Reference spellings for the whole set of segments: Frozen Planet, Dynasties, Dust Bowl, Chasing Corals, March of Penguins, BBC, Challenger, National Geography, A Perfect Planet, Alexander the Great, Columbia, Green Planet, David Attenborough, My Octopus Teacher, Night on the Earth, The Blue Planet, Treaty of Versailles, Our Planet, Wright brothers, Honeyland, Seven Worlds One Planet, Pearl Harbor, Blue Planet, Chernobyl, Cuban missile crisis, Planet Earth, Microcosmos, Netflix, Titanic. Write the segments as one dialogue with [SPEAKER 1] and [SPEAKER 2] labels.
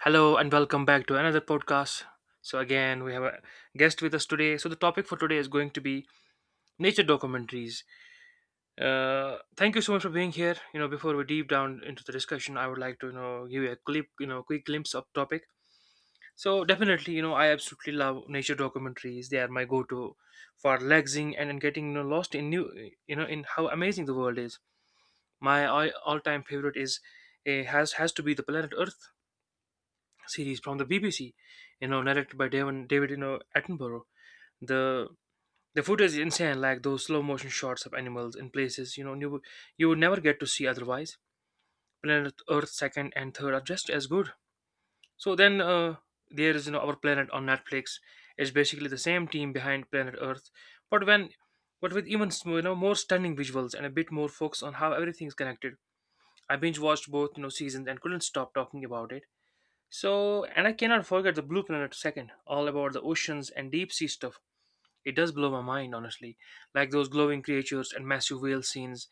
[SPEAKER 1] Hello and welcome back to another podcast. So again, we have a guest with us today. So the topic for today is going to be nature documentaries. Thank you so much for being here. Before we deep down into the discussion, I would like to give you a clip, quick glimpse of topic. So definitely, I absolutely love nature documentaries. They are my go-to for relaxing and getting lost in new, in how amazing the world is. My all-time favorite is eh, has to be the planet Earth series from the BBC, you know, narrated by David Attenborough. The the footage is insane, like those slow motion shots of animals in places you know you would never get to see otherwise. Planet Earth second and third are just as good. So then there is, you know, our planet on Netflix is basically the same team behind Planet Earth, but when but with even, you know, more stunning visuals and a bit more focus on how everything is connected. I binge watched both, you know, seasons and couldn't stop talking about it. So, and I cannot forget the Blue Planet second, all about the oceans and deep sea stuff. It does blow my mind, honestly. Like those glowing creatures and massive whale scenes,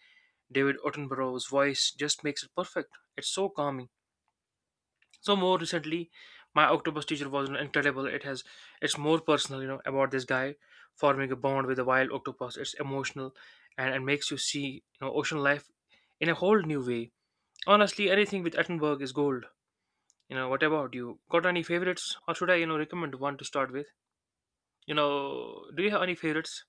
[SPEAKER 1] David Attenborough's voice just makes it perfect. It's so calming. So more recently, my octopus teacher was incredible. It has, it's more personal, you know, about this guy forming a bond with a wild octopus. It's emotional, and makes you see, you know, ocean life in a whole new way. Honestly, anything with Attenborough is gold. You know, what about you? Got any favorites, or should I, you know, recommend one to start with? You know, do you have any favorites?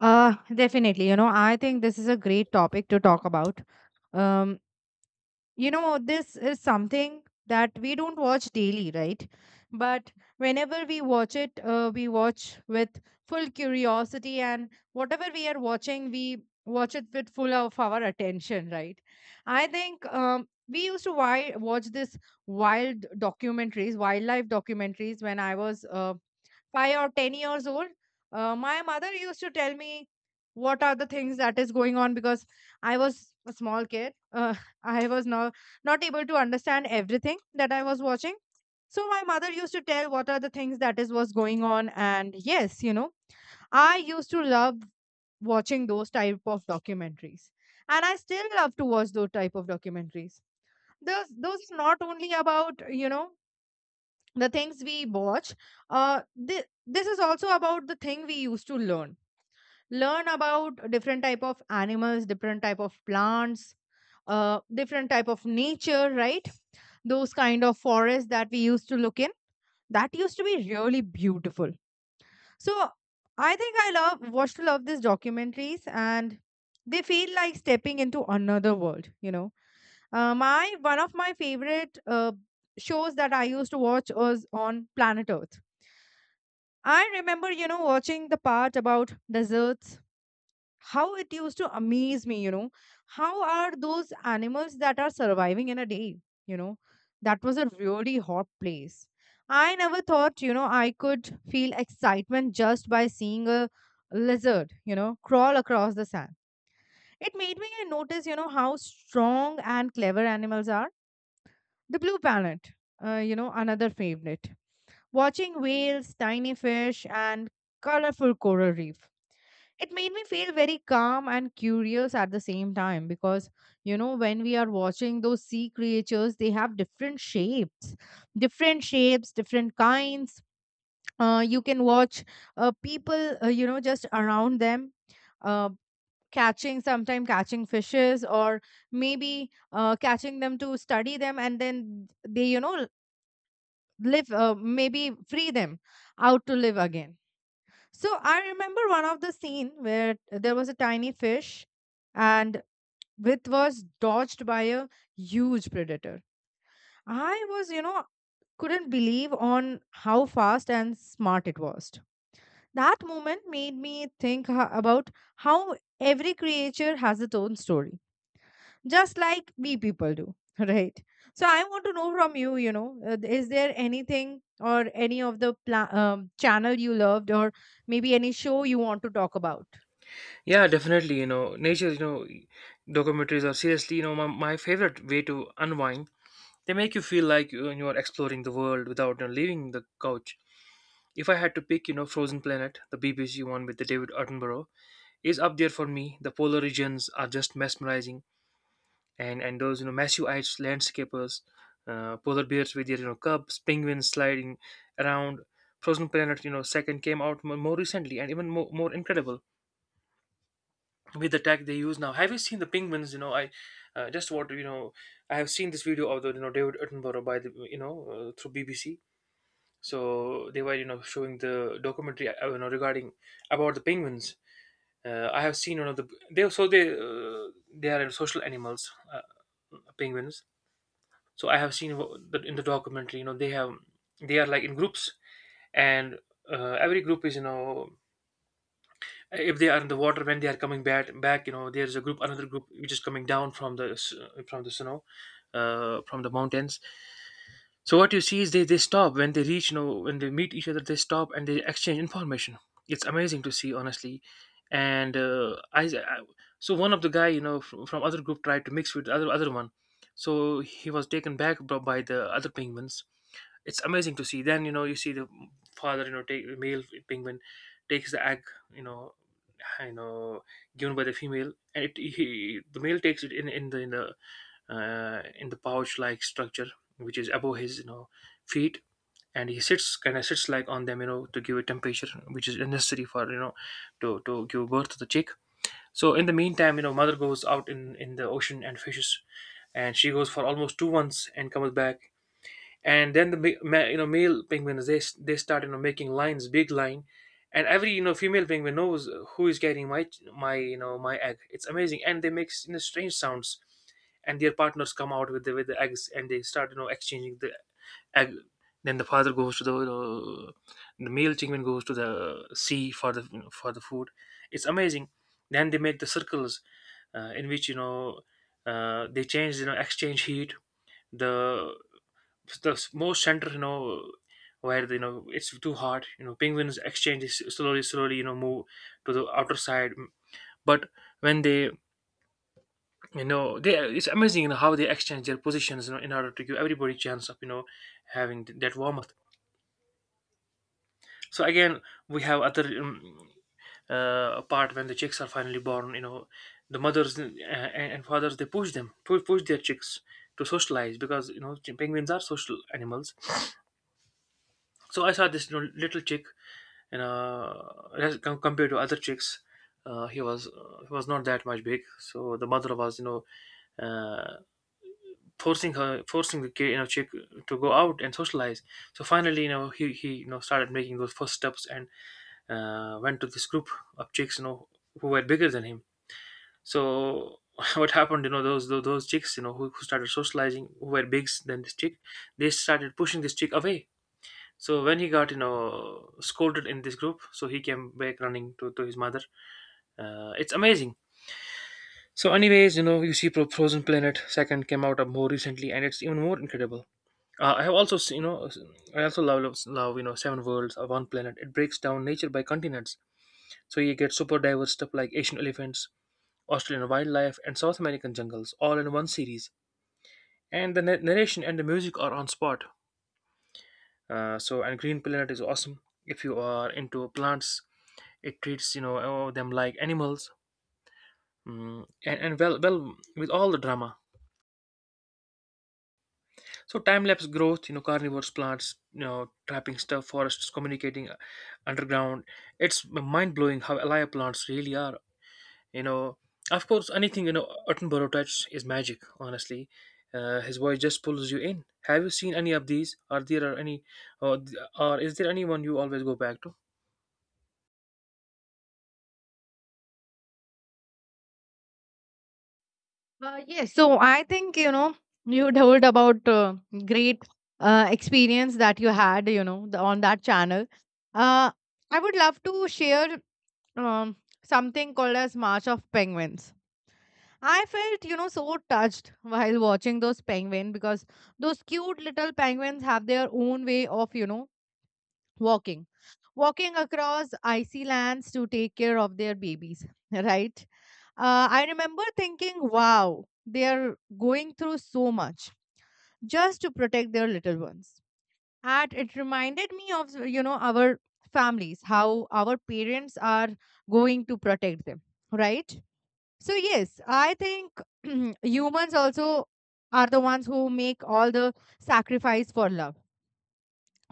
[SPEAKER 2] Definitely. You know, I think this is a great topic to talk about. Um, you know, this is something that we don't watch daily, right? But whenever we watch it, we watch with full curiosity, and whatever we are watching, we watch it with full of our attention, right? I think we used to watch this wild documentaries, wildlife documentaries, when I was 5 or 10 years old. My mother used to tell me what are the things that is going on because I was a small kid. I was not able to understand everything that I was watching. So my mother used to tell what are the things that is was going on, and yes, I used to love watching those type of documentaries, and I still love to watch those type of documentaries. Those is not only about the things we watch, uh this is also about the thing we used to learn about different type of animals, different type of plants, different type of nature, right? Those kind of forests that we used to look in, that used to be really beautiful. So I think I love watched to love these documentaries, and they feel like stepping into another world, you know. My one of my favorite shows that I used to watch was on Planet Earth. I remember, you know, watching the part about deserts, how it used to amaze me, you know. How are those animals that are surviving in a day? You know, that was a really hot place. I never thought, you know, I could feel excitement just by seeing a lizard, you know, crawl across the sand. It made me notice, you know, how strong and clever animals are. The Blue Planet, you know, another favorite, watching whales, tiny fish, and colorful coral reef. It made me feel very calm and curious at the same time because, you know, when we are watching those sea creatures, they have different shapes, different kinds. You can watch people, you know, just around them. Uh, Catching, sometime catching fishes, or maybe catching them to study them, and then they, you know, live, maybe free them out to live again. So I remember one of the scene where there was a tiny fish, and it was dodged by a huge predator. I was, you know, couldn't believe on how fast and smart it was. That moment made me think about how every creature has its own story, just like we people do. Right? So I want to know from you, you know, is there anything, or any of the channel you loved, or maybe any show you want to talk about?
[SPEAKER 1] Yeah, definitely. You know, nature, you know, documentaries are seriously, you know, my favorite way to unwind. They make you feel like you are exploring the world without, you know, leaving the couch. If I had to pick, you know, Frozen Planet, the BBC one with the David Attenborough, is up there for me. The polar regions are just mesmerizing, and those, you know, massive-eyed landscapers, polar bears with their, you know, cubs, penguins sliding around. Frozen Planet, you know, second came out more recently and even more incredible with the tech they use now. Have you seen the penguins? I just want to, you know, I have seen this video of the, you know, David Attenborough by the through BBC. So they were, you know, showing the documentary you know, regarding about the penguins. I have seen one of the they so they are social animals, penguins. So I have seen that in the documentary, you know, they are like in groups, and every group is, you know, if they are in the water when they are coming back, you know, there's a group another group which is coming down from the snow, from the mountains. So what you see is, they stop when they reach, you know, when they meet each other, they stop and they exchange information. It's amazing to see, honestly. And so one of the guy, you know, from other group tried to mix with the other one. So he was taken back by the other penguins. It's amazing to see. Then, you know, you see the father, you know, take male penguin takes the egg, you know, you know, given by the female, and the male takes it in in the pouch like structure which is above his, you know, feet, and he sits, like on them, you know, to give a temperature which is necessary, for you know, to give birth to the chick. So in the meantime, you know, mother goes out in the ocean and fishes, and she goes for almost 2 months and comes back. And then the you know, male penguins, they start, you know, making lines big line, and every, you know, female penguin knows who is getting my, you know, my egg. It's amazing, and they make, you know, strange sounds, and their partners come out with the eggs, and they start, you know, exchanging the egg. Then the father goes to the, you know, the male penguin goes to the sea for the, food. It's amazing. Then they make the circles, in which, you know, they change, you know, exchange heat. The the s- more center, you know, where the, you know, it's too hot, you know, penguins exchange, is slowly, you know, move to the outer side. But when they, you know, they, it's amazing, you know, how they exchange their positions, you know, in order to give everybody chance of, you know, having that warmth. So again, we have other part when the chicks are finally born, you know, the mothers, and fathers, they push them push push their chicks to socialize, because, you know, penguins are social animals. So I saw this, you know, little chick, and as compared to other chicks, he was not that much big. So the mother was, you know, uh, forcing the kid, you know, chick to go out and socialize. So finally, you know, he you know, started making those first steps, and went to this group of chicks, you know, who were bigger than him. So what happened, you know, those chicks, you know, who started socializing, who were big than this chick, they started pushing this chick away. So when he got, you know, scolded in this group, so he came back running to his mother. It's amazing. So anyways, you know, you see Frozen Planet second came out more recently, and it's even more incredible. I have also seen, you know, I also love, you know, Seven Worlds or One Planet. It breaks down nature by continents, so you get super diverse stuff like Asian elephants, Australian wildlife, and South American jungles all in one series. And the narration and the music are on spot. And Green Planet is awesome if you are into plants. It treats, you know, oh, them like animals, and well with all the drama. So time lapse growth, you know, carnivores plants, you know, trapping stuff, forests communicating, underground. It's mind blowing how alive plants really are, you know. Of course, anything, you know, Attenborough touch is magic, honestly. His voice just pulls you in. Have you seen any of these? Are there any, or, or is there anyone you always go back to?
[SPEAKER 2] Yes, so I think, you know, you told about great experience that you had, you know, the, on that channel. Uh, I would love to share, um, something called as March of Penguins. I felt, you know, so touched while watching those penguins because those cute little penguins have their own way of, you know, walking. Walking across icy lands to take care of their babies, right? I remember thinking, wow, they are going through so much just to protect their little ones. And it reminded me of, you know, our families, how our parents are going to protect them, right? So yes, I think humans also are the ones who make all the sacrifice for love.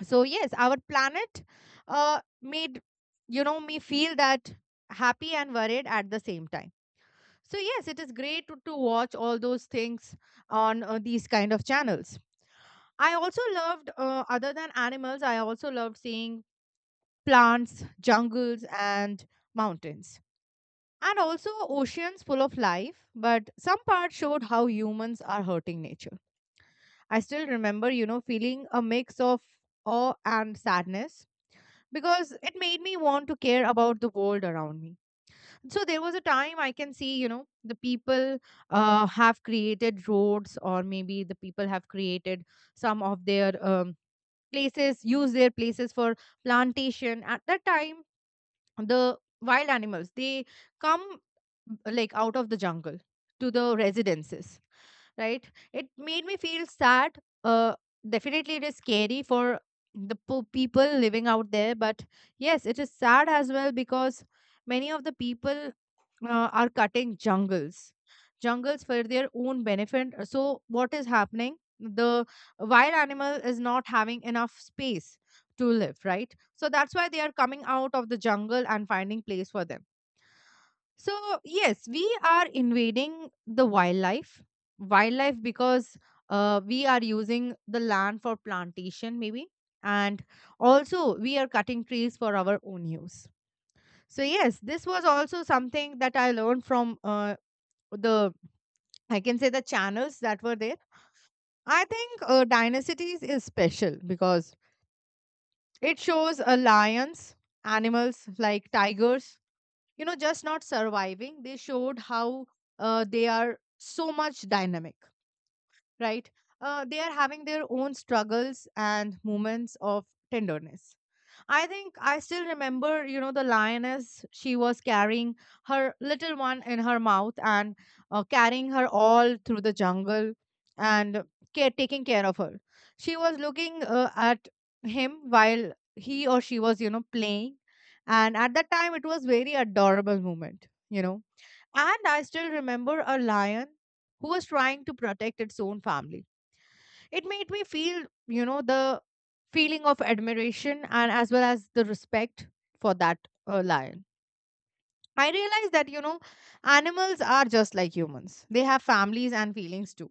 [SPEAKER 2] So yes, our planet made, you know, me feel that happy and worried at the same time. So yes, it is great to watch all those things on these kind of channels. I also loved, other than animals, I also loved seeing plants, jungles and mountains, and also oceans full of life, but some parts showed how humans are hurting nature. I still remember, you know, feeling a mix of awe and sadness, because it made me want to care about the world around me. So there was a time I can see, you know, the people have created roads, or maybe the people have created some of their places, use their places for plantation. At that time, the wild animals, they come like out of the jungle to the residences, right? It made me feel sad. uh Definitely it is scary for the people living out there, but yes, it is sad as well, because many of the people are cutting jungles for their own benefit. So what is happening, the wild animal is not having enough space to live, right? So that's why they are coming out of the jungle and finding place for them. So yes, we are invading the wildlife because we are using the land for plantation maybe, and also we are cutting trees for our own use. So yes, this was also something that I learned from the, I can say, the channels that were there. I think Dynasties is special because it shows a lions, animals like tigers, you know, just not surviving. They showed how they are so much dynamic, right? They are having their own struggles and moments of tenderness. I think I still remember, you know, the lioness. She was carrying her little one in her mouth and carrying her all through the jungle and care, taking care of her. She was looking at him while he or she was, you know, playing. And at that time, it was very adorable moment, you know. And I still remember a lion who was trying to protect its own family. It made me feel, you know, the feeling of admiration and as well as the respect for that lion. I realized that, you know, animals are just like humans. They have families and feelings too,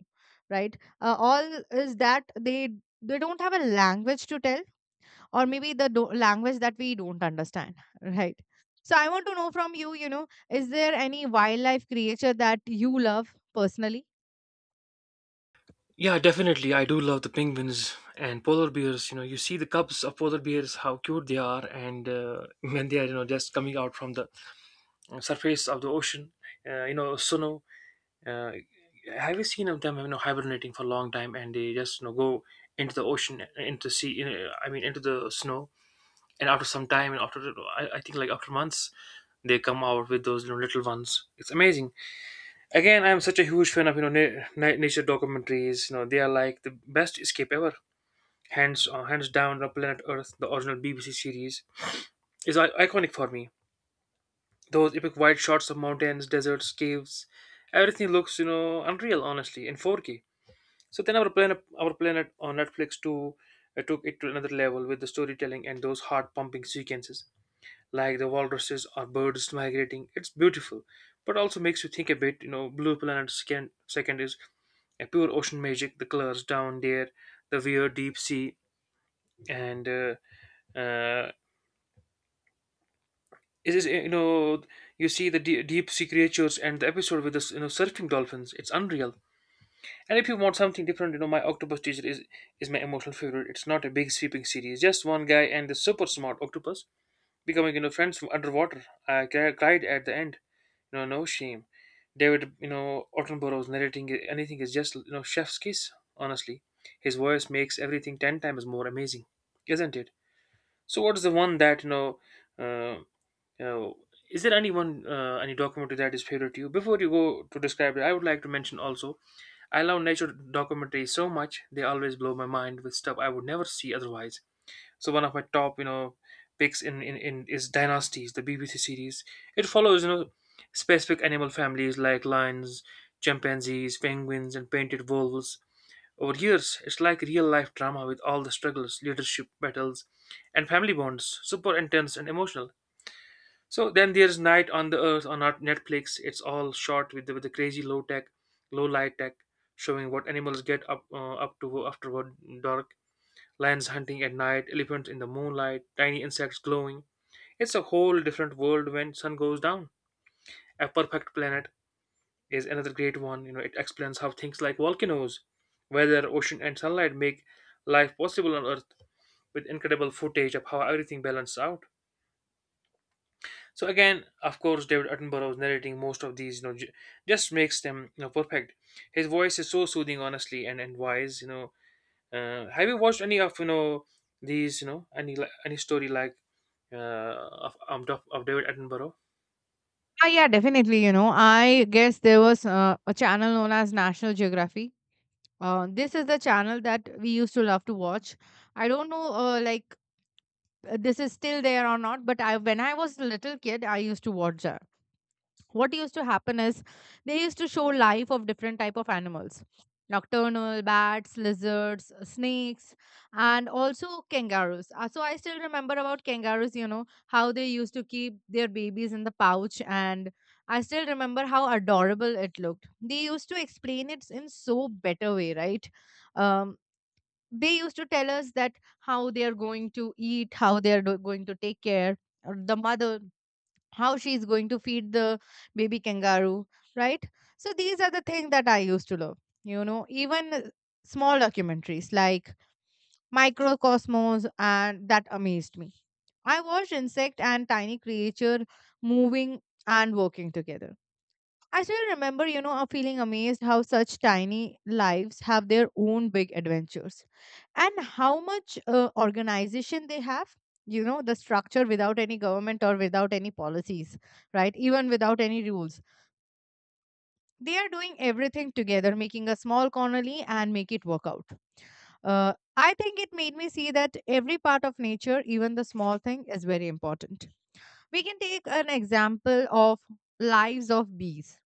[SPEAKER 2] right? All is that they don't have a language to tell, or maybe the language that we don't understand, right? So I want to know from you, you know, is there any wildlife creature that you love personally?
[SPEAKER 1] Yeah, definitely. I do love the penguins and polar bears. You know, you see the cubs of polar bears, how cute they are, and when they are, you know, just coming out from the surface of the ocean, you know, Suno. Uh, have you seen of them, you know, hibernating for a long time, and they just, you know, go into the ocean, into sea, you know, I mean, into the snow, and after some time, and after, I think, like after months, they come out with those, you know, little ones. It's amazing. Again, I'm such a huge fan of, you know, nature documentaries. You know, they are like the best escape ever, hands hands down. On planet Earth, the original BBC series, is iconic for me. Those epic wide shots of mountains, deserts, caves, everything looks, you know, unreal, honestly, in 4K. So then our planet, on Netflix too, took it to another level with the storytelling and those heart pumping sequences, like the walruses or birds migrating. It's beautiful, but also makes you think a bit. You know, Blue Planet second is a pure ocean magic. The colors down there, the weird deep sea, and uh, it is you know you see the deep sea creatures and the episode with the surfing dolphins. It's unreal. And if you want something different, you know, My Octopus Teacher is my emotional favorite. It's not a big sweeping series, just one guy and the super smart octopus becoming, friends from underwater. I cried at the end, you know, no shame. David, Attenborough's narrating anything is just, chef's kiss, honestly. His voice makes everything 10 times more amazing, isn't it? So what is the one that uh, Uh, is there anyone, any documentary that is favorite to you? Before you go to describe it, I would like to mention also, I love nature documentaries so much. They always blow my mind with stuff I would never see otherwise. So one of my top, you know, picks in is Dynasties, the BBC series. It follows, you know, specific animal families like lions, chimpanzees, penguins, and painted wolves. Over years, it's like real life drama with all the struggles, leadership battles, and family bonds. Super intense and emotional. So then there's Night on the Earth on our Netflix. It's all shot with the crazy low light tech, showing what animals get up to after dark. Lions hunting at night, elephants in the moonlight, tiny insects glowing. It's a whole different world when sun goes down. A Perfect Planet is another great one. You know, it explains how things like volcanoes, weather, ocean, and sunlight make life possible on Earth, with incredible footage of how everything balances out. So again, of course, David Attenborough's narrating most of these, you know, just makes them, you know, perfect. His voice is so soothing, honestly, and wise. You know, have you watched any of, you know, these, you know, any story like uh, of David Attenborough?
[SPEAKER 2] Ah, yeah, definitely. You know, I guess there was a channel known as National Geography. This is the channel that we used to love to watch. I don't know, like this is still there or not, but I, when I was a little kid, I used to watch that. What used to happen is, they used to show life of different type of animals, nocturnal bats, lizards, snakes, and also kangaroos. So I still remember about kangaroos, you know, how they used to keep their babies in the pouch, and I still remember how adorable it looked. They used to explain it in so better way, right? um, they used to tell us that how they are going to eat, how they are going to take care, or the mother, how she's going to feed the baby kangaroo, right? So these are the things that I used to love. You know, even small documentaries like Microcosmos, and that amazed me. I watched insect and tiny creature moving and working together. I still remember, you know, feeling amazed how such tiny lives have their own big adventures, and how much organization they have. You know, the structure without any government, or without any policies, right? Even without any rules. They are doing everything together, making a small colony, and make it work out. I think it made me see that every part of nature, even the small thing, is very important. We can take an example of lives of bees,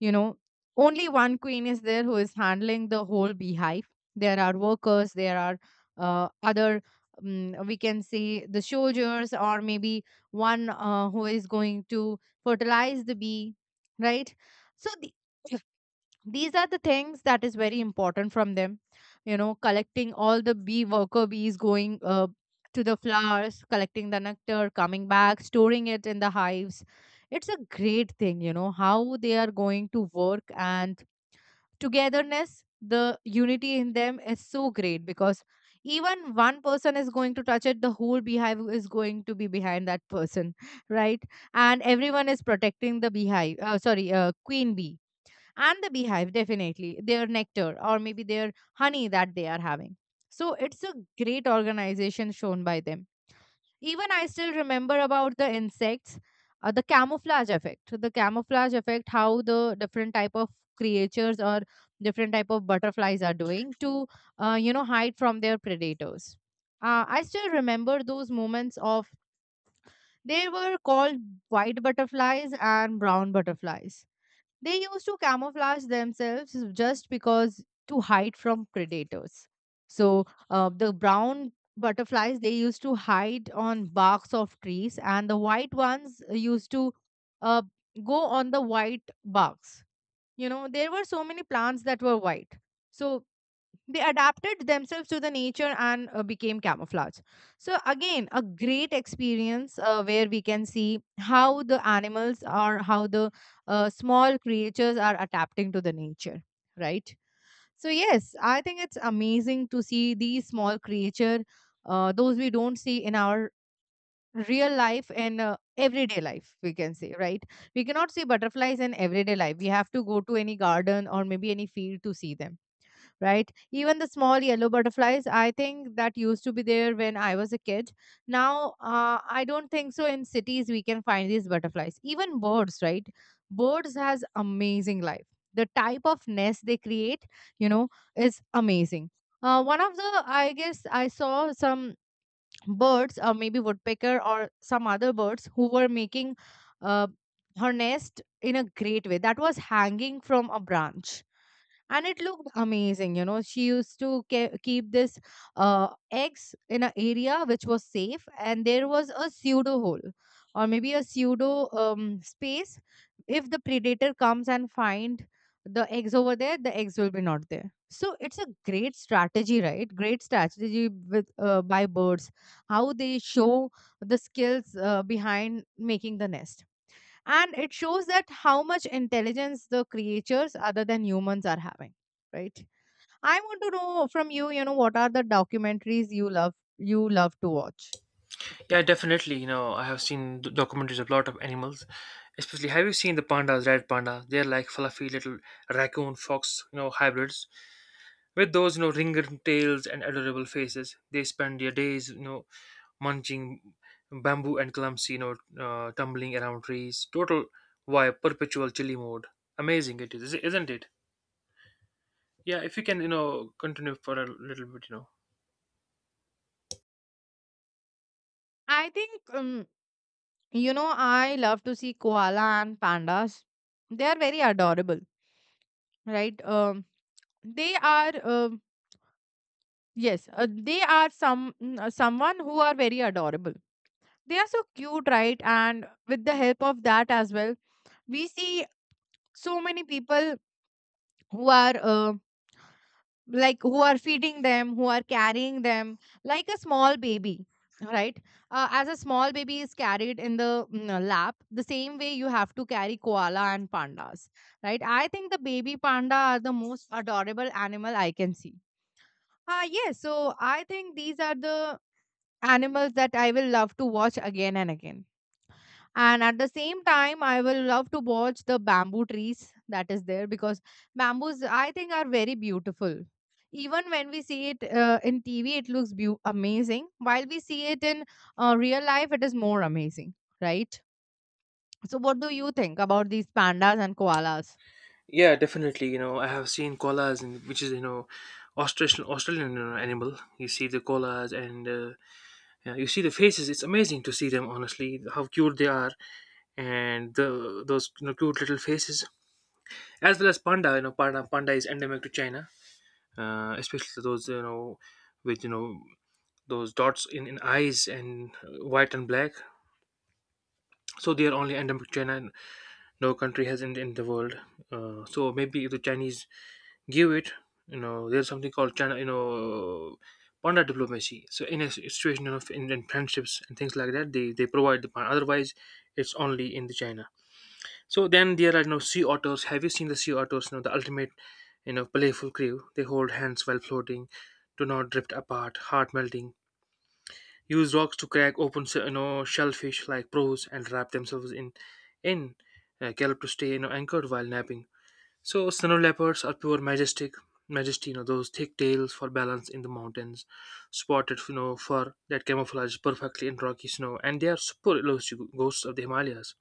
[SPEAKER 2] you know, only one queen is there who is handling the whole beehive. There are workers, there are other, we can say, the soldiers, or maybe one who is going to fertilize the bee, right? So, the these are the things that is very important from them, collecting all the bee worker bees going to the flowers, collecting the nectar, coming back, storing it in the hives. It's a great thing, how they are going to work. And togetherness, the unity in them is so great, because even one person is going to touch it, the whole beehive is going to be behind that person. Right? And everyone is protecting the beehive, sorry, queen bee and the beehive, definitely their nectar, or maybe their honey that they are having. So it's a great organization shown by them. Even I still remember about the insects, the camouflage effect, the camouflage effect, how the different type of creatures or different type of butterflies are doing to hide from their predators. I still remember those moments of they were called white butterflies and brown butterflies. They used to camouflage themselves just because to hide from predators. So the brown butterflies, they used to hide on barks of trees, and the white ones used to uh, go on the white barks. You know, there were so many plants that were white. So they adapted themselves to the nature and became camouflage. So again a great experience where we can see how the animals or how the small creatures are adapting to the nature, right? So yes, I think it's amazing to see these small creature, those we don't see in our real life and everyday life, we can say, right? We cannot see butterflies in everyday life, we have to go to any garden or maybe any field to see them, right? Even the small yellow butterflies, I think that used to be there when I was a kid. Now, I don't think so in cities we can find these butterflies. Even birds, right? Birds has amazing life. The type of nest they create, you know, is amazing. One of the, I guess, I saw some birds, or maybe woodpecker or some other birds who were making uh, her nest in a great way. That was hanging from a branch and it looked amazing. You know, she used to keep this eggs in an area which was safe, and there was a pseudo hole or maybe a pseudo space. If the predator comes and find the eggs over there, the eggs will be not there. So it's a great strategy, right? Great strategy with by birds, how they show the skills behind making the nest. And it shows that how much intelligence the creatures other than humans are having, right? I want to know from you, you know, what are the documentaries you love, you love to watch.
[SPEAKER 1] Yeah, definitely. You know, I have seen documentaries of a lot of animals, especially. Have you seen the pandas, red panda? They're like fluffy little raccoon fox, you know, hybrids with those, you know, ringed tails and adorable faces. They spend their days, you know, munching bamboo and clumsy, tumbling around trees. Total vibe, perpetual chilly mode. Amazing it is, isn't it? Yeah, if you can, you know, continue for a little bit, you know.
[SPEAKER 2] I think you know, I love to see koala and pandas. They are very adorable, right? They are, yes, they are some someone who are very adorable. They are so cute, right? And with the help of that as well, we see so many people who are like who are feeding them, who are carrying them like a small baby, right? As a small baby is carried in the lap, the same way you have to carry koala and pandas, right? I think the baby panda are the most adorable animal I can see. Ah yes, so I think these are the animals that I will love to watch again and again. And at the same time, I will love to watch the bamboo trees that is there, because bamboos, I think, are very beautiful. Even when we see it in tv, it looks beau amazing. While we see it in real life, it is more amazing, right? So what do you think about these pandas and koalas?
[SPEAKER 1] Yeah, definitely. You know, I have seen koalas, and which is, you know, Australian you know, animal. You see the koalas, and yeah, you see the faces. It's amazing to see them. Honestly, how cute they are, and the those, you know, cute little faces, as well as panda. You know, panda is endemic to China, especially those, you know, with, you know, those dots in eyes and, white and black. So they are only endemic to China, and no country has in the world. So maybe if the Chinese give it, you know, there's something called China, you know, panda diplomacy. So in a situation of, in friendships and things like that, they provide the panda, otherwise it's only in the China. So then there are, you know, sea otters. Have you seen the sea otters? You know, the ultimate, you know, playful crew. They hold hands while floating, do not drift apart, heart melting. Use rocks to crack open, you know, shellfish like pros and wrap themselves in gallop to stay, you know, anchored while napping. So snow leopards are pure majestic majesty. You know, those thick tails for balance in the mountains, spotted, you know, fur that camouflage perfectly in rocky snow, and they are super elusive ghosts of the Himalayas.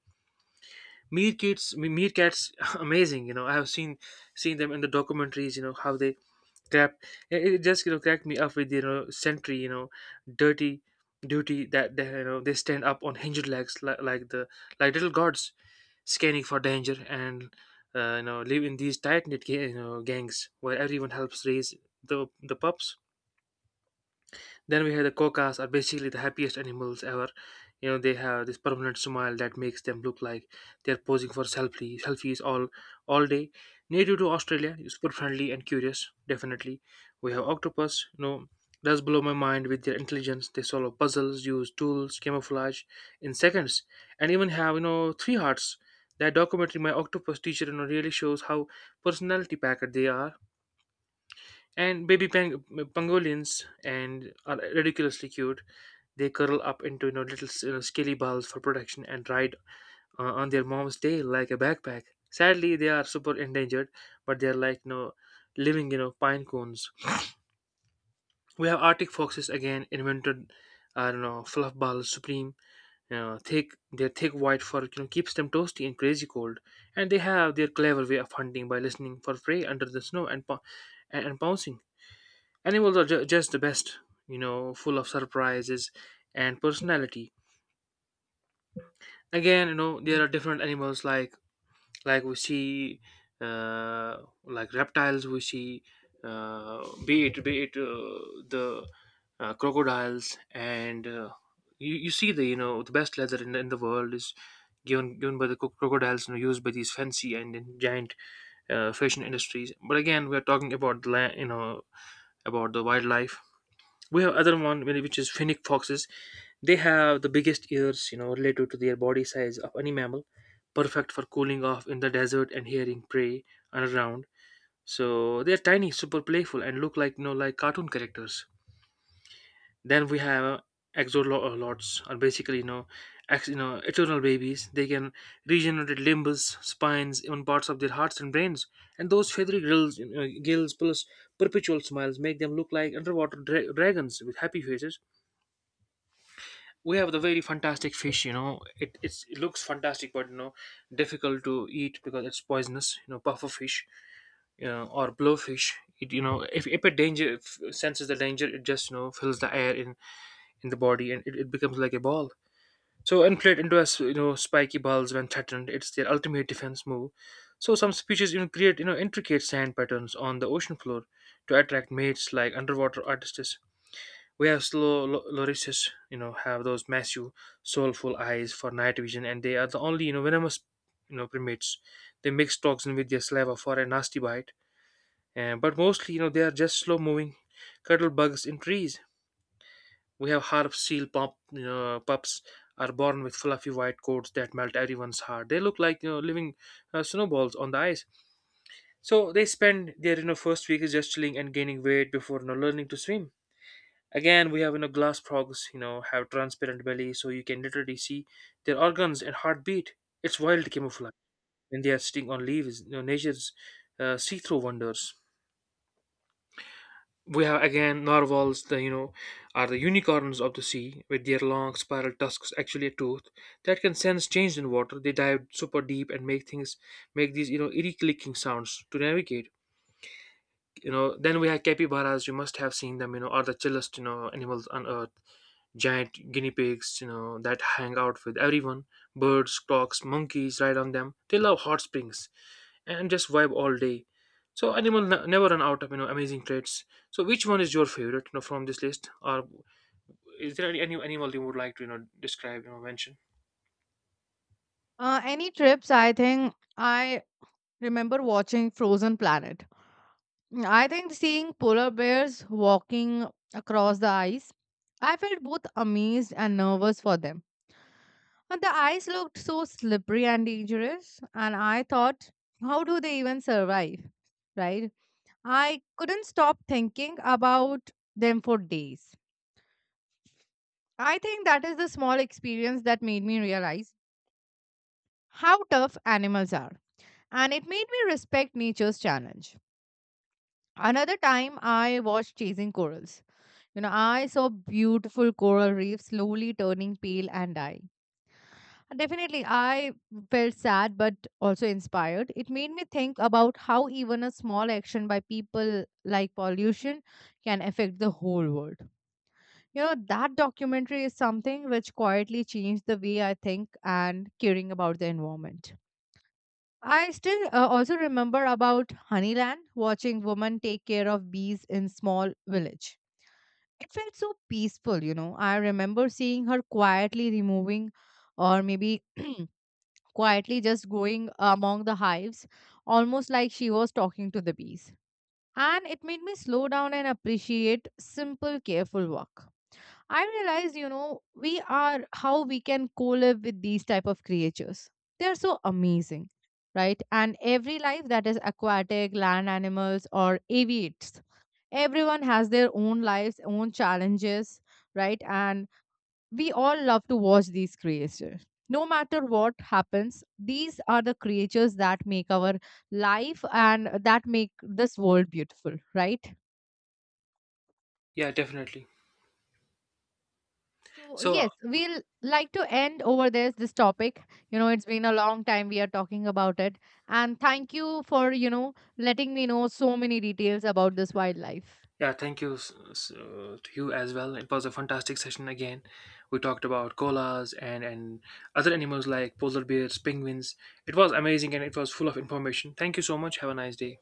[SPEAKER 1] Meerkats, meerkats, amazing, you know, I have seen them in the documentaries. You know how they grab it, it just, you know, cracked me up with, you know, sentry, you know, dirty duty that they, you know, they stand up on hinged legs like the like little gods, scanning for danger, and you know, live in these tight knit, you know, gangs where everyone helps raise the pups. Then we have the cocas are basically the happiest animals ever. You know, they have this permanent smile that makes them look like they're posing for selfies all day. Native to Australia, super friendly and curious, definitely. We have octopus, you know, does blow my mind with their intelligence. They solve puzzles, use tools, camouflage in seconds, and even have, you know, three hearts. That documentary, My Octopus Teacher, you know, really shows how personality packed they are. And baby pangolins and are ridiculously cute. They curl up into, you know, little you know, scaly balls for protection and ride, on their mom's tail like a backpack. Sadly, they are super endangered, but they are like, you know, living, you know, pine cones. We have Arctic foxes again invented. I don't know, fluff balls supreme. You know, thick their thick white fur, you know, keeps them toasty in crazy cold, and they have their clever way of hunting by listening for prey under the snow and and pouncing. Animals are just the best, you know, full of surprises and personality. Again, you know, there are different animals like, we see, uh like reptiles we see, be it, the crocodiles and, you see the, you know, the best leather in the world is given by the crocodiles, you know, used by these fancy and, then giant, fashion industries. But again, we're talking about the land, you know, about the wildlife. We have other one really, which is finnick foxes. They have the biggest ears, you know, relative to their body size of any mammal, perfect for cooling off in the desert and hearing prey around. So they're tiny, super playful, and look like, you know, like cartoon characters. Then we have exolots are basically, you know, you know, eternal babies. They can regenerate limbs, spines, even parts of their hearts and brains. And those feathery grills you know, gills plus perpetual smiles make them look like underwater dragons with happy faces. We have the very fantastic fish. You know, it looks fantastic, but you know, difficult to eat because it's poisonous. You know, puffer fish, you know, or blowfish. It, you know, if a danger if senses the danger, it just, you know, fills the air in the body, and it becomes like a ball. So inflate into as, you know, spiky balls when threatened, it's their ultimate defense move. So some species, you know, create, you know, intricate sand patterns on the ocean floor to attract mates like underwater artists. Whereas lorises, you know, have those massive, soulful eyes for night vision, and they are the only, you know, venomous, you know, primates. They mix toxin with their saliva for a nasty bite, and but mostly, you know, they are just slow-moving cuddle bugs in trees. We have you know, pups are born with fluffy white coats that melt everyone's heart. They look like, you know, living, snowballs on the ice. So they spend their, you know, first week is just chilling and gaining weight before, you know, learning to swim. Again, we have, you know, glass frogs, you know, have transparent belly, so you can literally see their organs and heartbeat. It's wild camouflage when they are sitting on leaves. You know, nature's, see-through wonders. We have again narwhals, the, you know, are the unicorns of the sea with their long spiral tusks, actually a tooth that can sense change in water. They dive super deep and make these, you know, eerie clicking sounds to navigate. You know, then we have capybaras. You must have seen them. You know, are the chillest, you know, animals on earth, giant guinea pigs, you know, that hang out with everyone. Birds, clocks, monkeys ride on them. They love hot springs and just vibe all day. So animal never run out of, you know, amazing traits. So which one is your favorite, you know, from this list? Or is there any animal you would like to, you know, describe, you know, mention?
[SPEAKER 2] Any trips, I think I remember watching Frozen Planet. Mm, I think seeing polar bears walking across the ice, I felt both amazed and nervous for them. And the ice looked so slippery and dangerous, and I thought, how do they even survive? Right? I couldn't stop thinking about them for days. I think that is the small experience that made me realize how tough animals are, and it made me respect nature's challenge. Another time, I watched Chasing Corals. You know, I saw beautiful coral reefs slowly turning pale and dying. Definitely, I felt sad but also inspired. It made me think about how even a small action by people like pollution can affect the whole world. You know, that documentary is something which quietly changed the way I think and caring about the environment. I still also remember about Honeyland, watching women take care of bees in small village. It felt so peaceful, you know. I remember seeing her quietly removing, or maybe quietly just going among the hives, almost like she was talking to the bees. And it made me slow down and appreciate simple, careful work. I realized, you know, we are how we can co-live with these type of creatures. They're so amazing, right? And every life that is aquatic, land animals, or aviates, everyone has their own lives, own challenges, right? And we all love to watch these creatures. No matter what happens, these are the creatures that make our life and that make this world beautiful, right?
[SPEAKER 1] Yeah, definitely.
[SPEAKER 2] So,
[SPEAKER 1] So
[SPEAKER 2] yes, we'll like to end over this topic. You know, it's been a long time we are talking about it. And thank you for, you know, letting me know so many details about this wildlife.
[SPEAKER 1] yeah, thank you to you as well. It was a fantastic session again. We talked about koalas and other animals like polar bears, penguins. It was amazing and it was full of information. Thank you so much. Have a nice day.